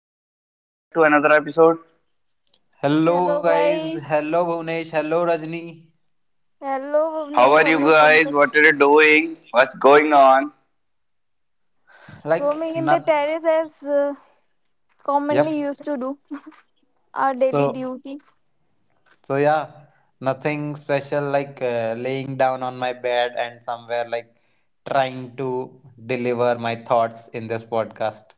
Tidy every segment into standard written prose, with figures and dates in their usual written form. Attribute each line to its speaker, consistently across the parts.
Speaker 1: Rajni, welcome back to another episode.
Speaker 2: Hello
Speaker 3: Hello
Speaker 2: guys,
Speaker 3: guys.
Speaker 2: hello Bhunesh, hello Rajni.
Speaker 3: Hello
Speaker 1: How
Speaker 3: Bhuvnesh.
Speaker 1: are you
Speaker 3: Hello
Speaker 1: guys?
Speaker 3: Pankaj.
Speaker 1: What are you doing? What's going on?
Speaker 2: Like
Speaker 3: Roaming in the
Speaker 2: not
Speaker 3: terrace as commonly
Speaker 2: yep.
Speaker 3: used to do our daily
Speaker 2: So
Speaker 3: duty.
Speaker 2: so yeah, nothing special, like laying down on my bed and somewhere like trying to deliver my thoughts in this podcast.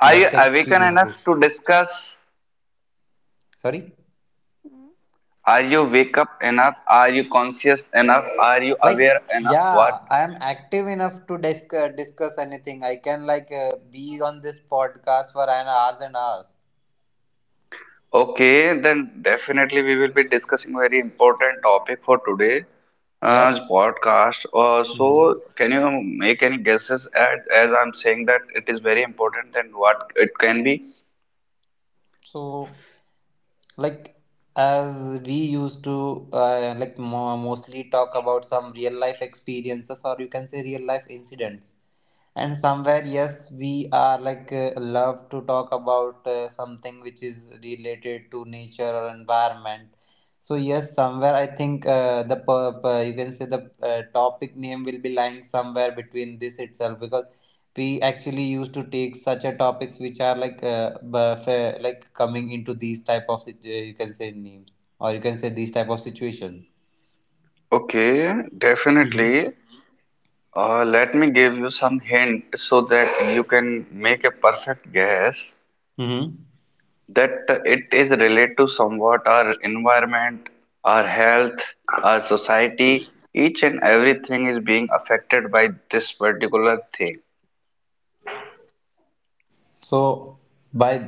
Speaker 1: Are you
Speaker 2: Best
Speaker 1: awakened enough
Speaker 2: experiences.
Speaker 1: to discuss?
Speaker 2: Sorry?
Speaker 1: Are you wake up enough? Are you conscious enough? Are you
Speaker 2: Like
Speaker 1: aware enough? What?
Speaker 2: yeah, I am active enough to discuss anything. I can like be on this podcast for an hours and hours.
Speaker 1: Okay, then definitely we will be discussing very important topic for today. Uh,
Speaker 2: Yep.
Speaker 1: podcast. Uh,
Speaker 2: Mhm.
Speaker 1: so, can you make any guesses as I'm saying that it is very important? Then what it can be?
Speaker 2: So like as we used to like mostly talk about some real life experiences, or you can say real life incidents, and somewhere yes we are like love to talk about something which is related to nature or environment, so yes somewhere I think the you can say the topic name will be lying somewhere between this itself, because we actually used to take such a topics which are like like coming into these type of you can say names, or you can say these type of situations.
Speaker 1: Okay, definitely.
Speaker 2: Mm-hmm.
Speaker 1: Let me give you some hint so that you can make a perfect guess
Speaker 2: Mm-hmm.
Speaker 1: that it is related to somewhat our environment, our health, our society. Each and everything is being affected by this particular thing.
Speaker 2: So by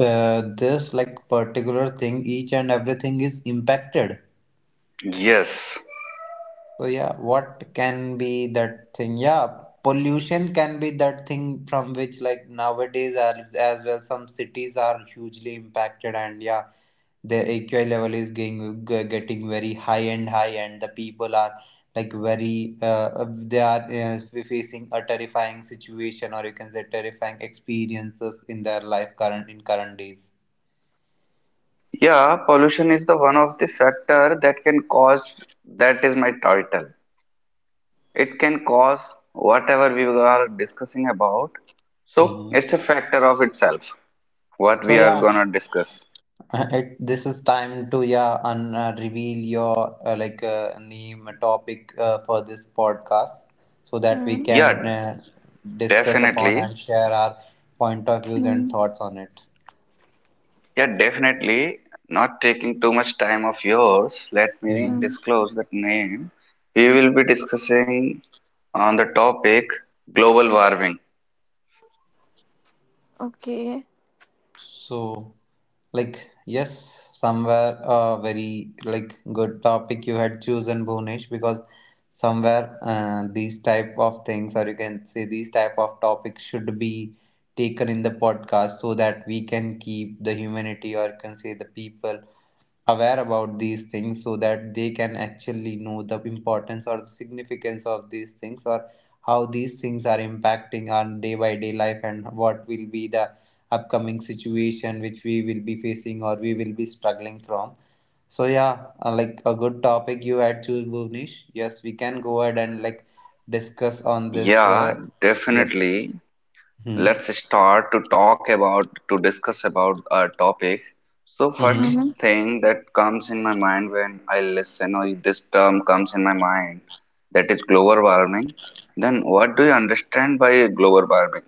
Speaker 2: this like particular thing, each and everything is impacted.
Speaker 1: Yes.
Speaker 2: So yeah, what can be that thing? Yeah, pollution can be that thing from which like nowadays as well some cities are hugely impacted, and yeah, their AQI level is getting very high and high, and the people are like very they are facing a terrifying situation, or you can say terrifying experiences in their life current in current days.
Speaker 1: Yeah, pollution is the one of the factor that can cause, that is my title. It can cause whatever we are discussing about. So
Speaker 2: Mm-hmm.
Speaker 1: it's a factor of itself, what
Speaker 2: So
Speaker 1: we are
Speaker 2: yeah,
Speaker 1: gonna discuss.
Speaker 2: it, this is time to yeah reveal your like name topic for this podcast so that we
Speaker 3: Mm-hmm.
Speaker 1: Yeah,
Speaker 2: can discuss upon
Speaker 1: definitely.
Speaker 2: and share our point of views
Speaker 3: Mm-hmm.
Speaker 2: and thoughts on it.
Speaker 1: Yeah, definitely. Not taking too much time of yours, let me
Speaker 2: Hmm.
Speaker 3: Mm-hmm.
Speaker 1: disclose that name. We will be discussing on the topic global warming.
Speaker 3: Okay.
Speaker 2: So. Like, yes, somewhere a very like good topic you had chosen, Bhunesh, because somewhere these type of things, or you can say these type of topics, should be taken in the podcast so that we can keep the humanity, or you can say the people aware about these things, so that they can actually know the importance or the significance of these things, or how these things are impacting our day by day life, and what will be the upcoming situation which we will be facing or we will be struggling from. So yeah, like a good topic you had choose, Bhuvnesh. Yes, we can go ahead and like discuss on this,
Speaker 1: Yeah,
Speaker 2: yep.
Speaker 1: definitely.
Speaker 2: Hmm.
Speaker 1: Let's start to talk about, to discuss about our topic. So first
Speaker 2: Hmm.
Speaker 3: Mm-hmm.
Speaker 1: thing that comes in my mind when I listen, or this term comes in my mind, that is global warming. Then what do you understand by global warming?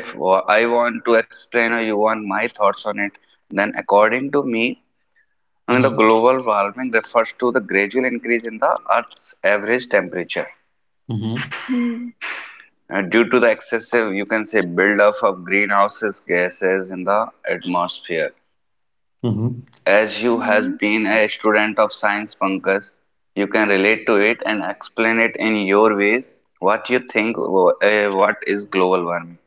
Speaker 1: If I want to explain, or you want my thoughts on it, then according to me, I mean,
Speaker 2: Hmm.
Speaker 1: the global warming refers to the gradual increase in the earth's average temperature,
Speaker 2: Hmm.
Speaker 1: Due to the excessive, you can say, buildup of greenhouse gases in the atmosphere.
Speaker 2: Hmm.
Speaker 1: As you has
Speaker 3: Mm-hmm.
Speaker 1: been a student of science, Pankaj, you can relate to it and explain it in your way. What you think? What is global warming?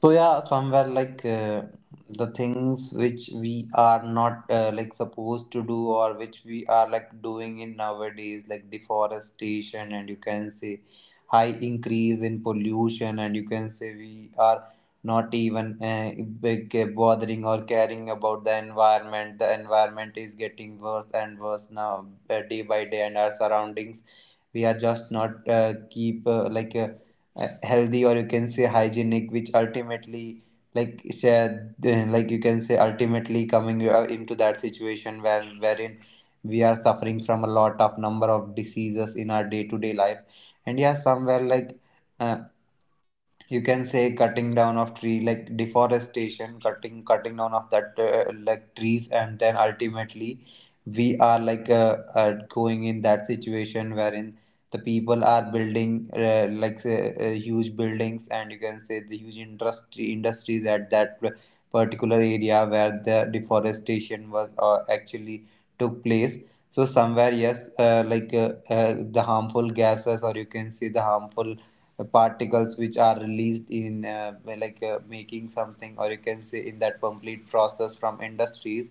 Speaker 2: So yeah, somewhere like the things which we are not like supposed to do, or which we are like doing in nowadays, like deforestation, and you can say high increase in pollution, and you can say we are not even bothering or caring about the environment. The environment is getting worse and worse now, day by day, and our surroundings. We are just not keep like. Healthy, or you can say hygienic, which ultimately like share like you can say ultimately coming into that situation where wherein we are suffering from a lot of number of diseases in our day to day life. And yeah, somewhere like uh, you can say cutting down of tree, like deforestation, cutting down of that like trees, and then ultimately we are like going in that situation wherein the people are building like say, huge buildings, and you can say the huge industry industries at that particular area where the deforestation was actually took place. So somewhere yes, like the harmful gases, or you can see the harmful particles which are released in like making something, or you can say in that complete process from industries,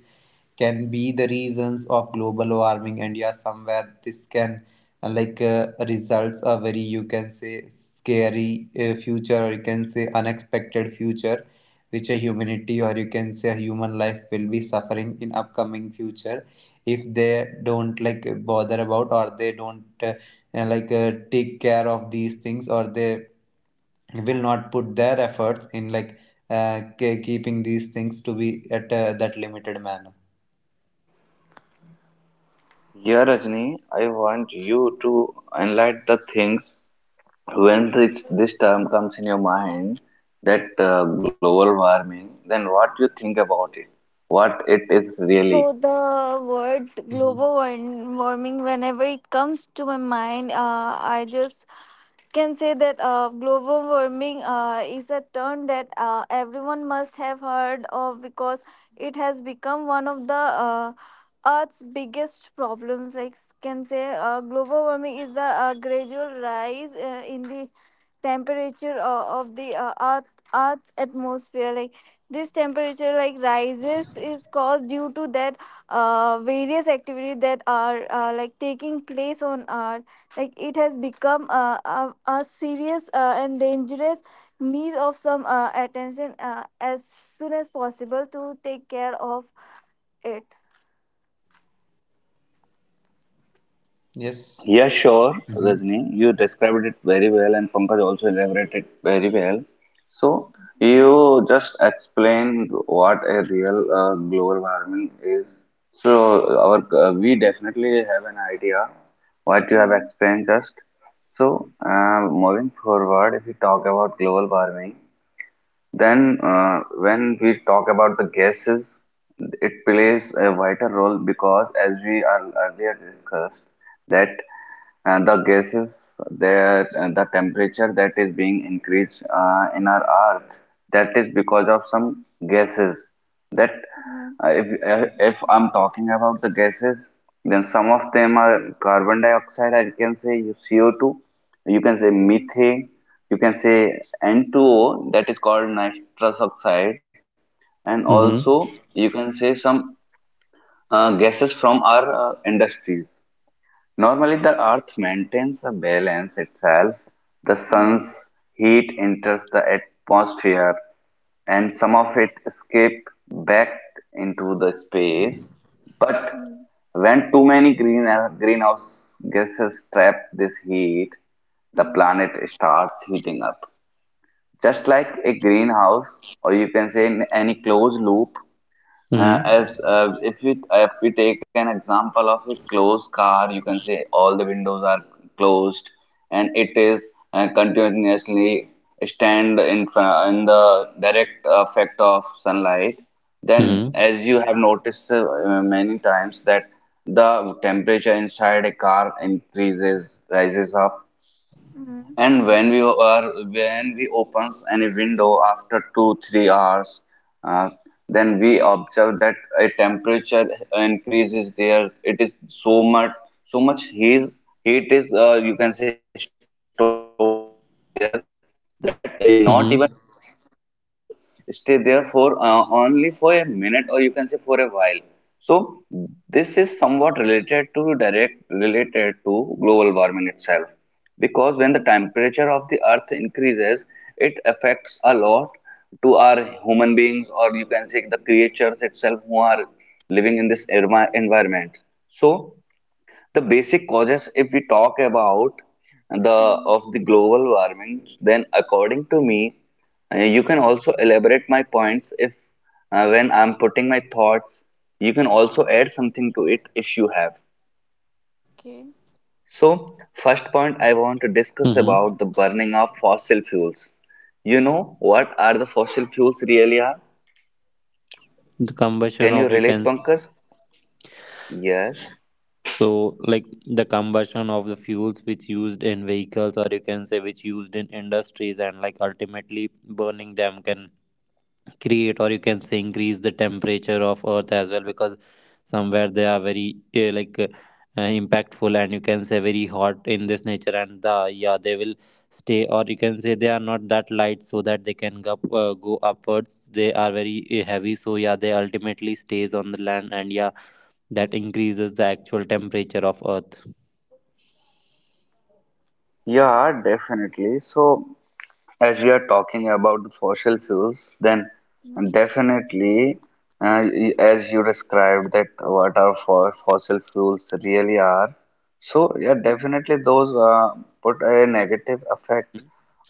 Speaker 2: can be the reasons of global warming. And yeah, somewhere this can like results a very, you can say scary future, or you can say unexpected future which a humanity, or you can say a human life will be suffering in upcoming future, if they don't like bother about, or they don't and like take care of these things, or they will not put their efforts in like keeping these things to be at that limited manner.
Speaker 1: Yeah, Rajni, I want you to enlighten the things when this term comes in your mind, that global warming. Then what you think about it? What it is
Speaker 3: So
Speaker 1: really?
Speaker 3: the word
Speaker 2: Hmm.
Speaker 3: warming, whenever it comes to my mind, I just can say that global warming is a term that everyone must have heard of, because it has become one of the earth's biggest problems. Like can say global warming is the gradual rise in the temperature of the earth's atmosphere. Like this temperature like rises is caused due to that various activities that are like taking place on earth. Like it has become a serious and dangerous, needs of some attention as soon as possible to take care of it.
Speaker 2: Yes.
Speaker 1: Yeah, sure,
Speaker 2: Hmm.
Speaker 1: Rajni. You described it very well, and Pankaj also elaborated very well. So, you just explained what a real global warming is. So, our we definitely have an idea what you have
Speaker 3: Hmm,
Speaker 1: explained just. So, moving forward, if we talk about global warming, then, when we talk about the gases, it plays a vital role because, as we are earlier discussed, that the gases, that the temperature that is being increased in our Earth, that is because of some gases, that
Speaker 3: hmm,
Speaker 1: uh, if, if I'm talking about the gases, then some of them are carbon dioxide, I can say CO2, you can say
Speaker 3: hmm,
Speaker 1: methane, you can say N2O, that is called nitrous oxide, and
Speaker 3: hmm,
Speaker 1: also
Speaker 2: Mm-hmm.
Speaker 1: you can say some gases from our industries. Normally, the Earth maintains the balance itself. The sun's
Speaker 3: hmm,
Speaker 1: heat enters the atmosphere, and some of it escape back into the space. But
Speaker 3: hmm,
Speaker 1: when too many greenhouse gases trap this heat, the
Speaker 3: hmm,
Speaker 1: planet starts heating up. Just like a greenhouse, or you can say in any closed loop, as
Speaker 2: Mm-hmm.
Speaker 1: if we take an example of a closed car, you can say all the windows are closed, and it is continuously stand in in the direct effect of sunlight. Then,
Speaker 2: Mm-hmm.
Speaker 1: as you have noticed many times, that the temperature inside a car increases, rises up,
Speaker 3: hmm,
Speaker 1: and when we opens any window after 2-3 hours, uh, then we observe that a temperature increase is there. It is so much heat is, you can say, stored there, that not even possible
Speaker 2: Mm-hmm.
Speaker 1: for us to stay there for only for a minute, or you can say for a while. So this is somewhat related to, direct related to global warming itself, because when the temperature of the earth increases, it affects a lot to our human beings, or you can say the creatures itself who are living in this environment. So the basic causes, if we talk about the,
Speaker 3: hmm.
Speaker 1: of the global warming, then according to me, you can also elaborate my points if, when I'm putting my thoughts, you can also add something to it if you have.
Speaker 3: Okay.
Speaker 1: So, first point I want to discuss about the
Speaker 2: Mm-hmm.
Speaker 1: burning of fossil fuels. You know what are the fossil fuels really are?
Speaker 2: The combustion
Speaker 1: Can you
Speaker 2: of you can
Speaker 1: relate, Pankaj? Yes.
Speaker 2: so like the combustion of the fuels which used in vehicles, or you can say which used in industries, and like ultimately burning them can create, or you can say increase the temperature of earth as well, because somewhere they are very like impactful, and you can say very hot in this nature, and the yeah they will stay, or you can say they are not that light so that they can go, go upwards. They are very heavy, so yeah they ultimately stays on the land, and yeah that increases the actual temperature of earth.
Speaker 1: Yeah, definitely. So, as we are talking about the fossil fuels, then
Speaker 3: Hmm.
Speaker 1: definitely, as you described that what our fo fossil fuels really are. So, yeah, definitely those put a negative effect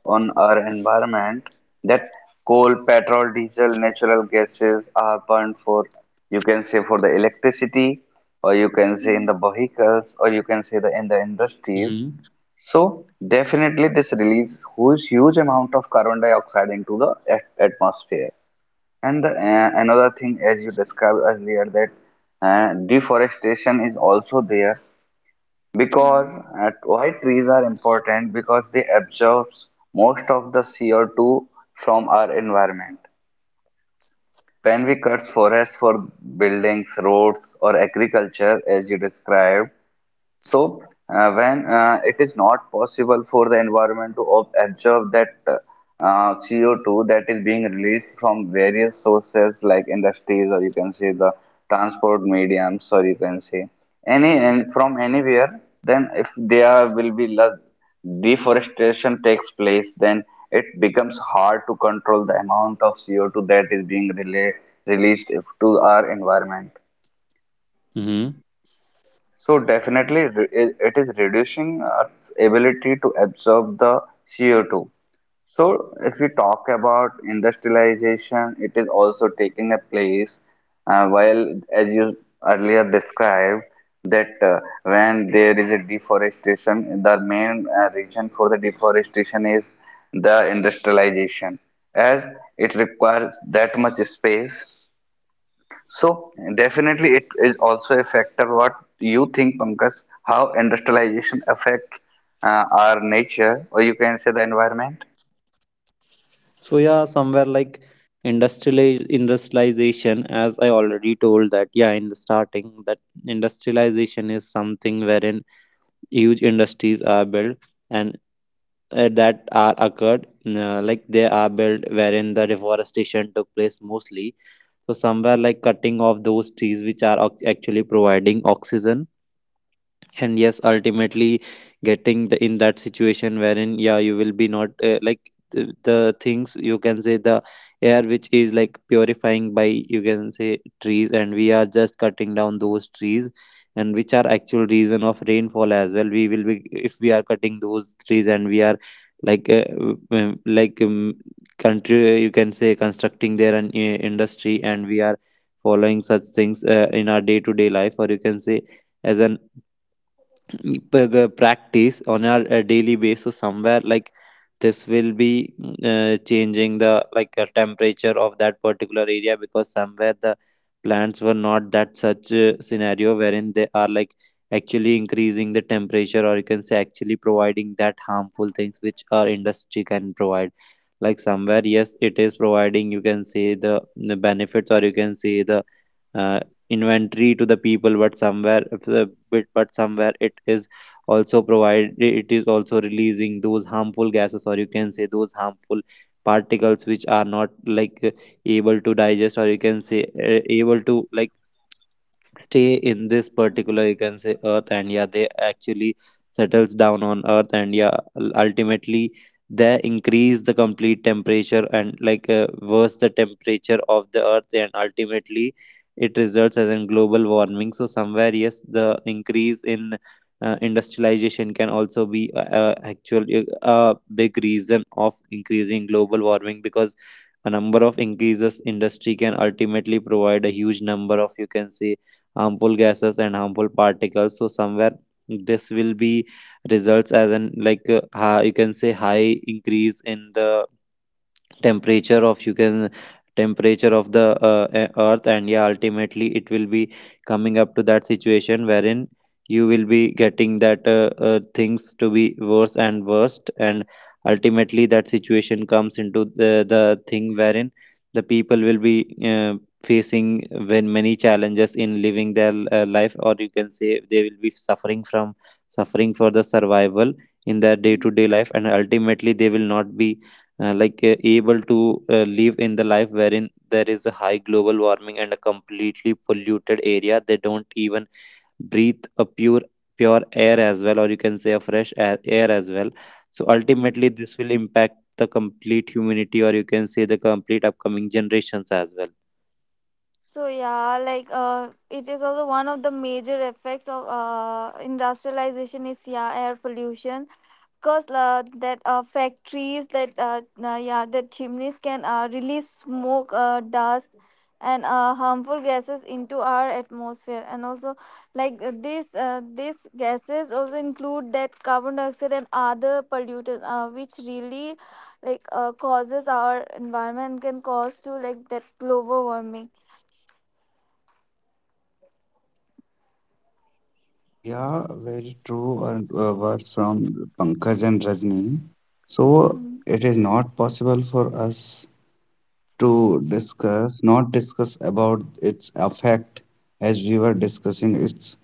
Speaker 1: on our environment, that coal, petrol, diesel, natural gases are burned for, you can say, for the electricity, or you can say in the vehicles, or you can say the in the industries.
Speaker 2: Mhm.
Speaker 1: So definitely this release huge amount of carbon dioxide into the atmosphere. And another thing, as you described earlier, that deforestation is also there, because why trees are important, because they absorb most of the CO2 from our environment. When we cut forest for buildings, roads, or agriculture, as you described, so, when it is not possible for the environment to absorb that CO2 that is being released from various sources like industries, or you can say the transport mediums, or you can say any and from anywhere, then if there will be less deforestation takes place, then it becomes hard to control the amount of CO2 that is being released to our environment.
Speaker 2: Mhm.
Speaker 1: So definitely it is reducing Earth's ability to absorb the CO2. So if we talk about industrialization, it is also taking a place, while as you earlier described that when there is a deforestation, the main reason for the deforestation is the industrialization, as it requires that much space. So definitely it is also a factor. What you think, Pankaj, how industrialization affect our nature, or you can say the environment?
Speaker 2: So yeah, somewhere like industrialization, as I already told that yeah, in the starting, that industrialization is something wherein huge industries are built, and that are occurred like they are built wherein the deforestation took place mostly. So somewhere like cutting off those trees which are actually providing oxygen, and yes ultimately getting the, in that situation wherein yeah you will be not like the things, you can say the air which is like purifying by, you can say trees, and we are just cutting down those trees, and which are actual reason of rainfall as well. We will be, if we are cutting those trees, and we are like uh, like country, you can say constructing their an industry, and we are following such things in our day to day life, or you can say as an practice on our daily basis. So somewhere like this will be changing the like temperature of that particular area, because somewhere the plants were not that such a scenario wherein they are like actually increasing the temperature, or you can say actually providing that harmful things which our industry can provide. Like somewhere yes it is providing, you can say the benefits, or you can say the uh, inventory to the people, but somewhere if the bit, but somewhere it is also provide, it is also releasing those harmful gases, or you can say those harmful particles which are not like able to digest, or you can say able to like stay in this particular, you can say earth, and yeah they actually settles down on earth, and yeah ultimately they increase the complete temperature and like worse the temperature of the earth, and ultimately it results as in global warming. So somewhere yes, the increase in industrialization can also be a actual a big reason of increasing global warming, because a number of increases industry can ultimately provide a huge number of, you can say, harmful gases and harmful particles. So somewhere this will be results as an like you can say high increase in the temperature of, you can temperature of the earth, and yeah ultimately it will be coming up to that situation wherein you will be getting that things to be worse and worst, and ultimately that situation comes into the thing wherein the people will be facing when many challenges in living their life, or you can say they will be suffering from suffering for the survival in their day to day life, and ultimately they will not be like able to live in the life wherein there is a high global warming and a completely polluted area. They don't even breathe a pure air as well, or you can say a fresh air, air as well. So ultimately this will impact the complete humanity, or you can say the complete upcoming generations as well.
Speaker 3: So yeah, like it is also one of the major effects of industrialization is yeah air pollution. Cause that factories that yeah that chimneys can release smoke, dust and harmful gases into our atmosphere. And also like this these gases also include that carbon dioxide and other pollutants, which really like causes our environment, can cause to like that global warming.
Speaker 1: Yeah, very true and words from Pankaj and Rajni. So
Speaker 3: Mm,
Speaker 1: it is not possible for us to discuss, not discuss about its effect, as we were discussing its,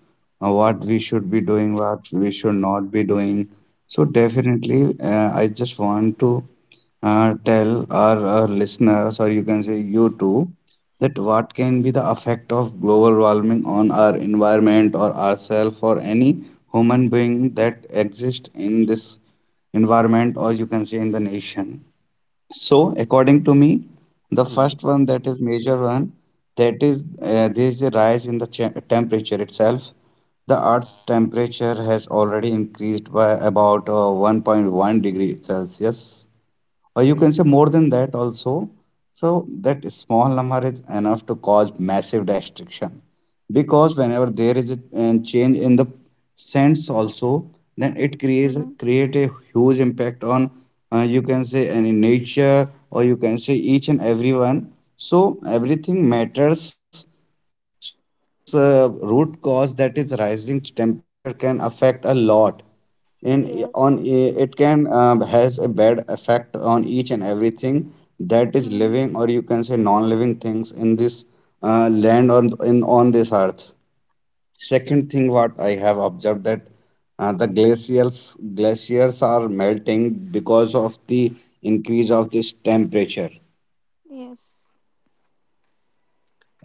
Speaker 1: what we should be doing, what we should not be doing. So definitely, I just want to tell our listeners, or you can say you too, that what can
Speaker 3: mm,
Speaker 1: be the effect of global warming on our environment or ourselves or any human being that exist in this environment, or you can say in the nation. So, according to me, the first one, that is major one, that is,
Speaker 3: mm.
Speaker 1: there is a rise in the temperature itself. The Earth's temperature has already increased by about 1.1-degree Celsius, or you can say more than that also. So that small number is enough to cause massive destruction, because whenever there is a change in the sense also, then it creates
Speaker 3: mm.
Speaker 1: create a huge impact on, you can say, any nature, or you can say each and everyone. So everything matters. So this root cause, that is rising temperature, can affect a lot in on
Speaker 3: Yes.
Speaker 1: it can, has a bad effect on each and everything that is
Speaker 3: Mm,
Speaker 1: living, or you can say non-living things in this land or in on this earth. Second thing what I have observed, that the glaciers are melting because of the increase of this temperature.
Speaker 3: yes.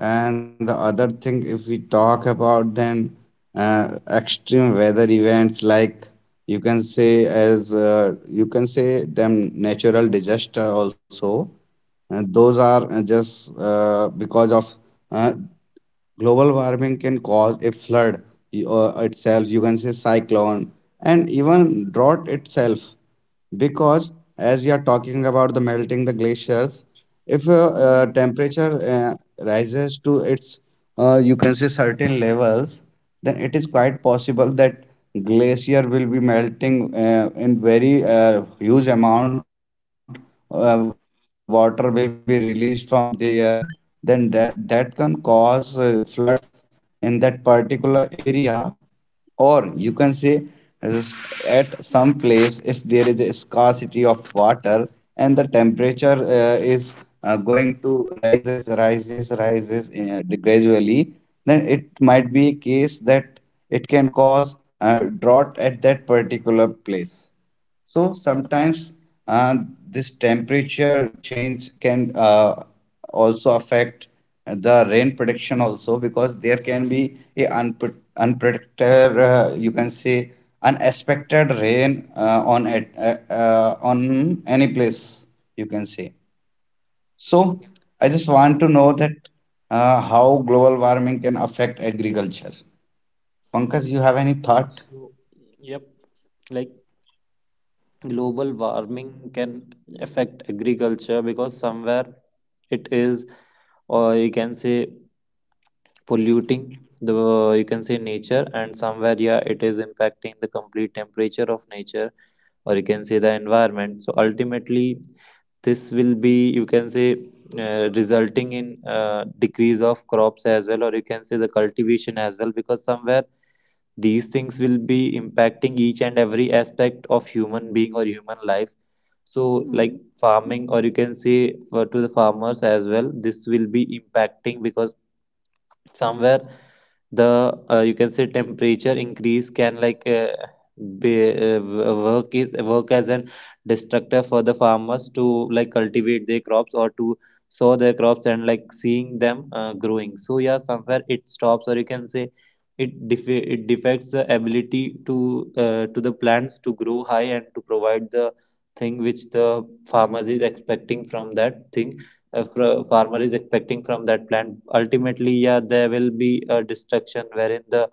Speaker 1: And the other thing, if we talk about, then extreme weather events, like you can say, as you can say them natural disaster also, and those are just because of uh, global warming, can cause a flood, itself, you can say cyclone, and even drought itself. Because as we are talking about the melting the glaciers, if temperature rises to its, you can say, certain levels, then it is quite possible that glacier will be melting in very huge amount. Water will be released from there. Then that can cause floods in that particular area, or you can say as- at some place. If there is a scarcity of water and the temperature is going to rises gradually, then it might be a case that it can cause a drought at that particular place. So sometimes uh, this temperature change can also affect the rain prediction also, because there can be a unpredicted, you can say unexpected rain on it, on any place, you can say. So I just want to know that, how global warming can affect agriculture. Pankaj, you have any thought?
Speaker 2: So yep, like global warming can affect agriculture, because somewhere it is, or you can say polluting the you can say nature, and somewhere yeah it is impacting the complete temperature of nature, or you can say the environment. So ultimately this will be, you can say resulting in decrease of crops as well, or you can say the cultivation as well, because somewhere these things will be impacting each and every aspect of human being or human life. So like
Speaker 3: Mm,
Speaker 2: farming, or you can say for to the farmers as well, this will be impacting, because somewhere the you can say temperature increase can like work is work as an destructor for the farmers to like cultivate their crops or to sow their crops, and like seeing them growing. So yeah somewhere it stops, or you can say it it defects the ability to the plants to grow high and to provide the thing which the farmers is expecting from that thing. If a farmer is expecting from that plant, ultimately yeah, there will be a destruction wherein the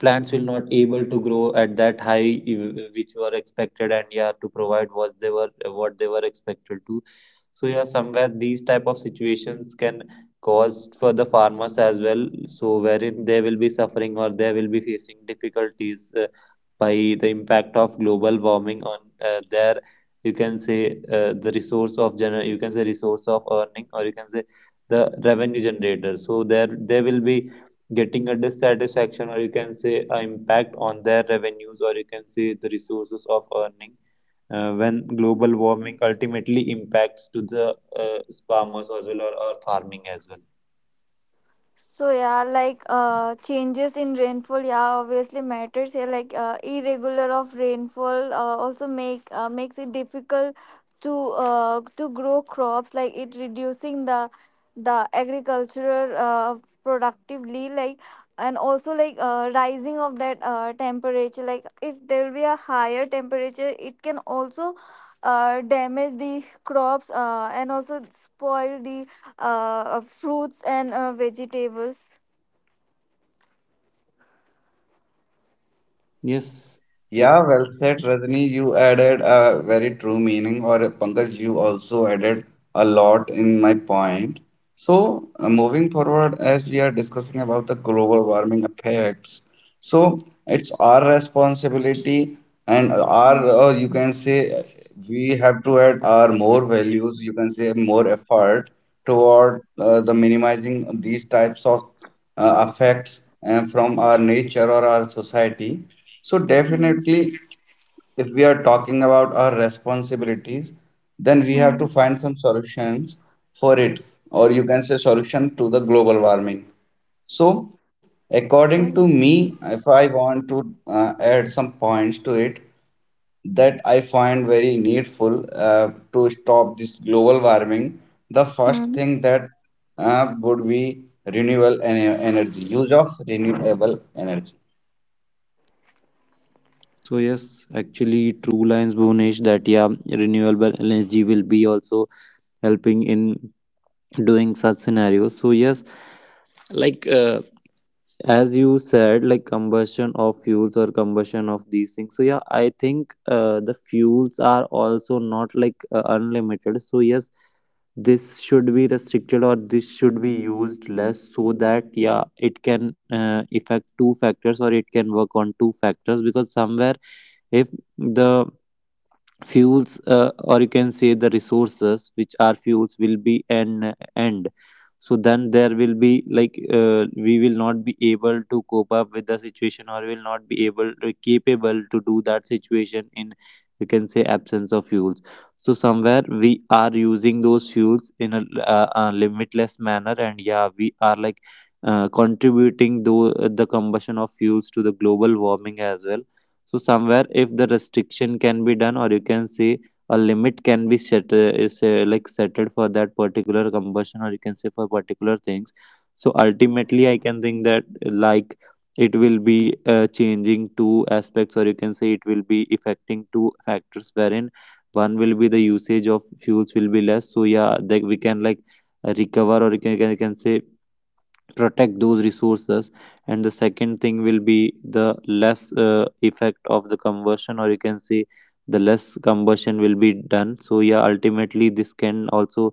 Speaker 2: plants will not able to grow at that high which were expected and yeah, to provide what they were expected to. So yeah, somewhere these type of situations can cause for the farmers as well, so wherein they will be suffering or they will be facing difficulties by the impact of global warming on their, you can say, the resource of you can say resource of earning or you can say the revenue generator. So there they will be getting a dissatisfaction or you can say an impact on their revenues or you can say the resources of earning when global
Speaker 3: mm.
Speaker 2: warming ultimately impacts to the farmers as well or farming as well.
Speaker 3: So yeah, like changes in rainfall, yeah, obviously matters here. Like irregular of rainfall also makes it difficult to grow crops. Like it reducing the agricultural productively. Like and also like rising of that temperature. Like if there will be a higher temperature, it can also damage the crops and also spoil the fruits and vegetables.
Speaker 2: Yes, ac-
Speaker 1: Yeah, well said, Rajni. You added a very true meaning, or Pankaj, you also added a lot in my point. So, moving forward, as we are discussing about the global warming effects, so it's our responsibility, and our,
Speaker 3: Mm,
Speaker 1: you can say, we have to add our more values, you can say, more effort toward the minimizing these types of affects from our nature or our society. So,
Speaker 3: mm,
Speaker 1: definitely, if we are talking about our responsibilities, then we have
Speaker 3: mm.
Speaker 1: to find some solutions for it, or you can say solution to the global warming. So, according to
Speaker 3: Yes.
Speaker 1: me, if I want to add some points to it, that I find very needful to stop this global warming, the first
Speaker 3: Mm,
Speaker 1: thing that would be renewable energy, use of renewable energy.
Speaker 2: So yes, actually true lines, Bhunesh, that yeah, renewable energy will be also helping in doing such scenarios. So yes, like as you said, like combustion of fuels or combustion of these things. So yeah, I think the fuels are also not like unlimited. So yes, this should be restricted or this should be used less so that yeah, it can affect two factors or it can work on two factors, because somewhere if the fuels or you can say the resources which are fuels will be an end, so then there will be like we will not be able to cope up with the situation or will not be able capable to do that situation in, you can say, absence of fuels. So somewhere we are using those fuels in a limitless manner, and yeah, we are like contributing though the combustion of fuels to the global warming as well. So somewhere, if the restriction can be done, or you can see a limit can be set, is like settled for that particular combustion, or you can say for particular things. So ultimately, I can think that like it will be changing two aspects, or you can say it will be affecting two factors, wherein one will be the usage of fuels will be less. So yeah, that we can like recover, or you can say protect those resources, and the second thing will be the less effect of the combustion, or you can say the less combustion will be done. So yeah, ultimately this can also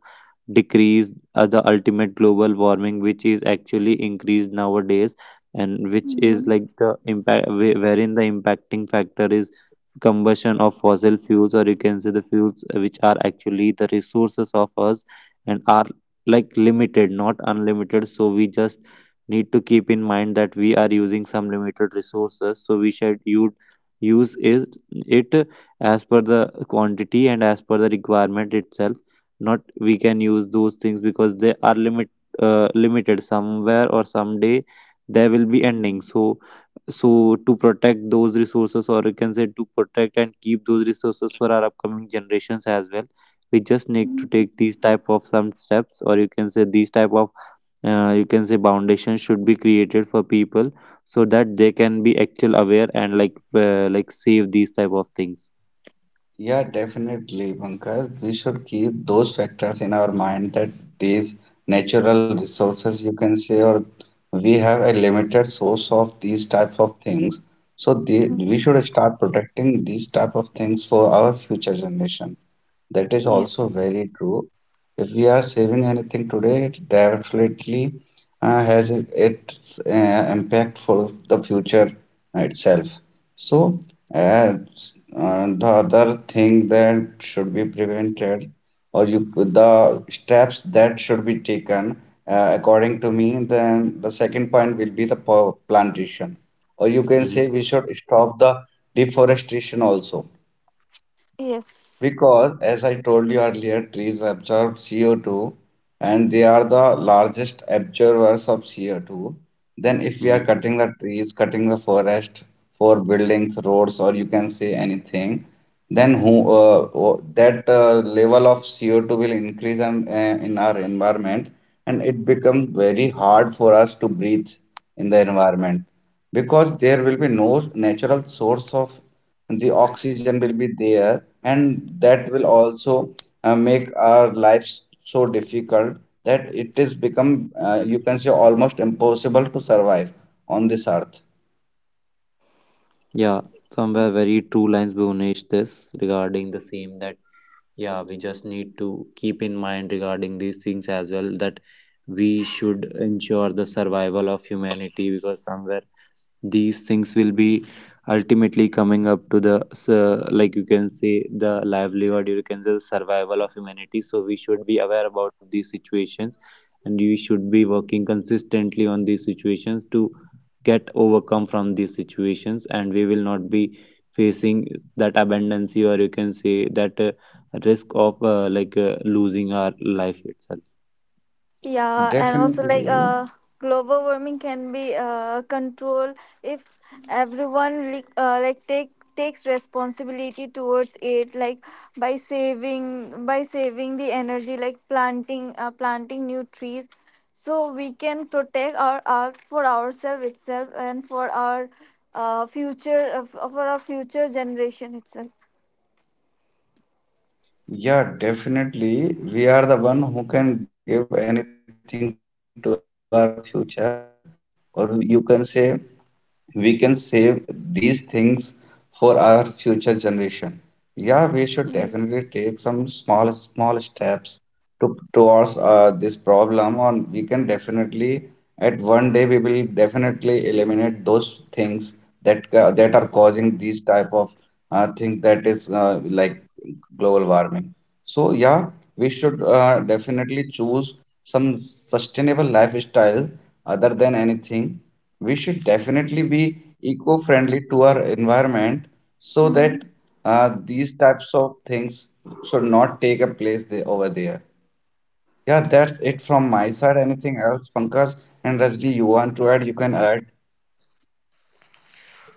Speaker 2: decrease the ultimate global warming which is actually increased nowadays, and which
Speaker 3: mm,
Speaker 2: is like the impact wherein the impacting factor is combustion of fossil fuels, or you can say the fuels which are actually the resources of us and are like limited, not unlimited. So we just need to keep in mind that we are using some limited resources. So we should use it as per the quantity and as per the requirement itself. Not we can use those things because they are limited. Somewhere or someday they will be ending. So so to protect those resources, or you can say to protect and keep those resources for our upcoming generations as well, we just need to
Speaker 3: mm,
Speaker 2: take these type of some steps, or you can say these type of you can say foundations should be created for people so that they can be actual aware and like save these type of things.
Speaker 1: Yeah, definitely, Pankaj. We should keep those factors in our mind that these natural resources, you can say, or we have a limited source of these types of things. So
Speaker 3: mm.
Speaker 1: we should start protecting these type of things for our future generation. That is also
Speaker 3: Yes.
Speaker 1: very true. If we are saving anything today, it definitely has its impact for the future itself. So, uh, the other thing that should be prevented, or you, the steps that should be taken, according to me, then the second point will be the plantation, or you can say we should stop the deforestation also
Speaker 3: Yes.
Speaker 1: because, as I told you earlier, trees absorb CO2 and they are the largest absorbers of CO2. Then, if we are cutting the trees, cutting the forest for buildings, roads, or you can say anything, then that level of CO2 will increase and, in our environment, and it becomes very hard for us to breathe in the environment because there will be no natural source of the oxygen will be there and that will also make our lives so difficult that it is become you can say almost impossible to survive on this earth.
Speaker 2: Yeah, somewhere very true lines, Bhunesh, this regarding the same, that yeah, we just need to keep in mind regarding these things as well, that we should ensure the survival of humanity, because somewhere these things will be ultimately coming up to the like you can say the livelihood, you can say the survival of humanity. So we should be aware about these situations and we should be working consistently on these situations to get overcome from these situations, and we will not be facing that abundancy or you can say that risk of like losing our life itself.
Speaker 3: Yeah, and also like
Speaker 1: Definitely,
Speaker 3: global warming can be controlled if everyone like takes responsibility towards it, like by saving, by saving the energy, like planting new trees, so we can protect our earth for ourselves itself and for our future, for our future generation itself.
Speaker 1: yeah, definitely, we are the one who can give anything to our future or you can say we can save these things for our future generation. Yeah, we should definitely take some small small
Speaker 3: Yes.
Speaker 1: steps to towards this problem, or we can definitely at one day we will definitely eliminate those things that are causing these type of things that is like global warming. So, yeah, we should definitely choose some sustainable lifestyle other than anything. We should definitely be eco-friendly to our environment so that these types of things should not take a place there, over there. Yeah, that's it from my side. Anything else, Pankaj and Rajni, you want to add, you can add.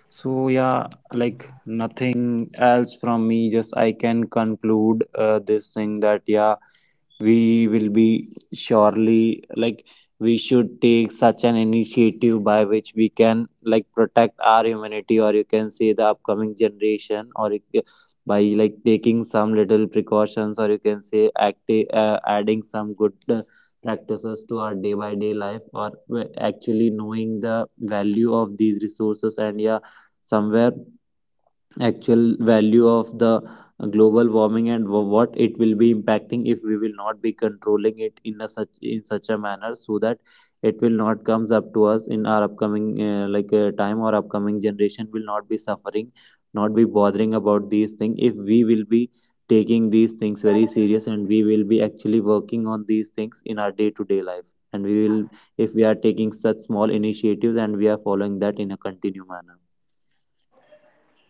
Speaker 2: So yeah, like nothing else from me. Just I can conclude this thing that yeah, we will be surely like, we should take such an initiative by which we can like protect our humanity, or you can say the upcoming generation, or you, by like taking some little precautions, or you can say adding some good practices to our day by day life, or actually knowing the value of these resources, and yeah, somewhere actual value of the global warming and what it will be impacting if we will not be controlling it in a such in such a manner, so that it will not comes up to us in our upcoming like time, or upcoming generation will not be suffering, not be bothering about these things, if we will be taking these things very serious and we will be actually working on these things in our day to day life, and we will, if we are taking such small initiatives and we are following that in a continued manner.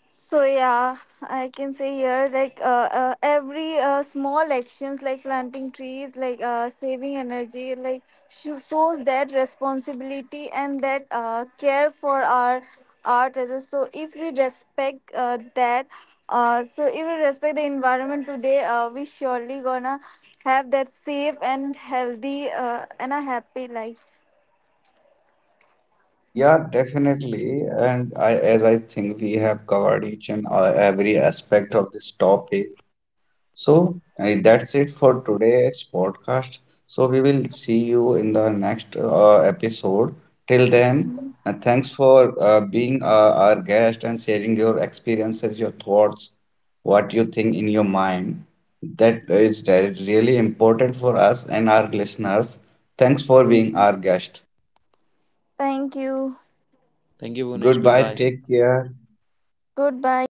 Speaker 3: So yeah, I can say here like every small actions, like planting trees, like saving energy, like shows that responsibility and that care for our art as well. So if we respect so if we respect the environment today, we surely gonna have that safe and healthy and a happy life.
Speaker 1: Yeah, definitely. And I, as I think we have covered each and every aspect of this topic. So that's it for today's podcast. So we will see you in the next episode. Till then,
Speaker 3: Mhm.
Speaker 1: thanks for being our guest and sharing your experiences, your thoughts, what you think in your mind. That is really important for us and our listeners. Thanks for being our
Speaker 3: Mhm.
Speaker 1: guest.
Speaker 3: Thank you.
Speaker 2: Thank you, Bunish.
Speaker 1: Goodbye.
Speaker 2: Goodbye.
Speaker 1: Take care.
Speaker 3: Goodbye.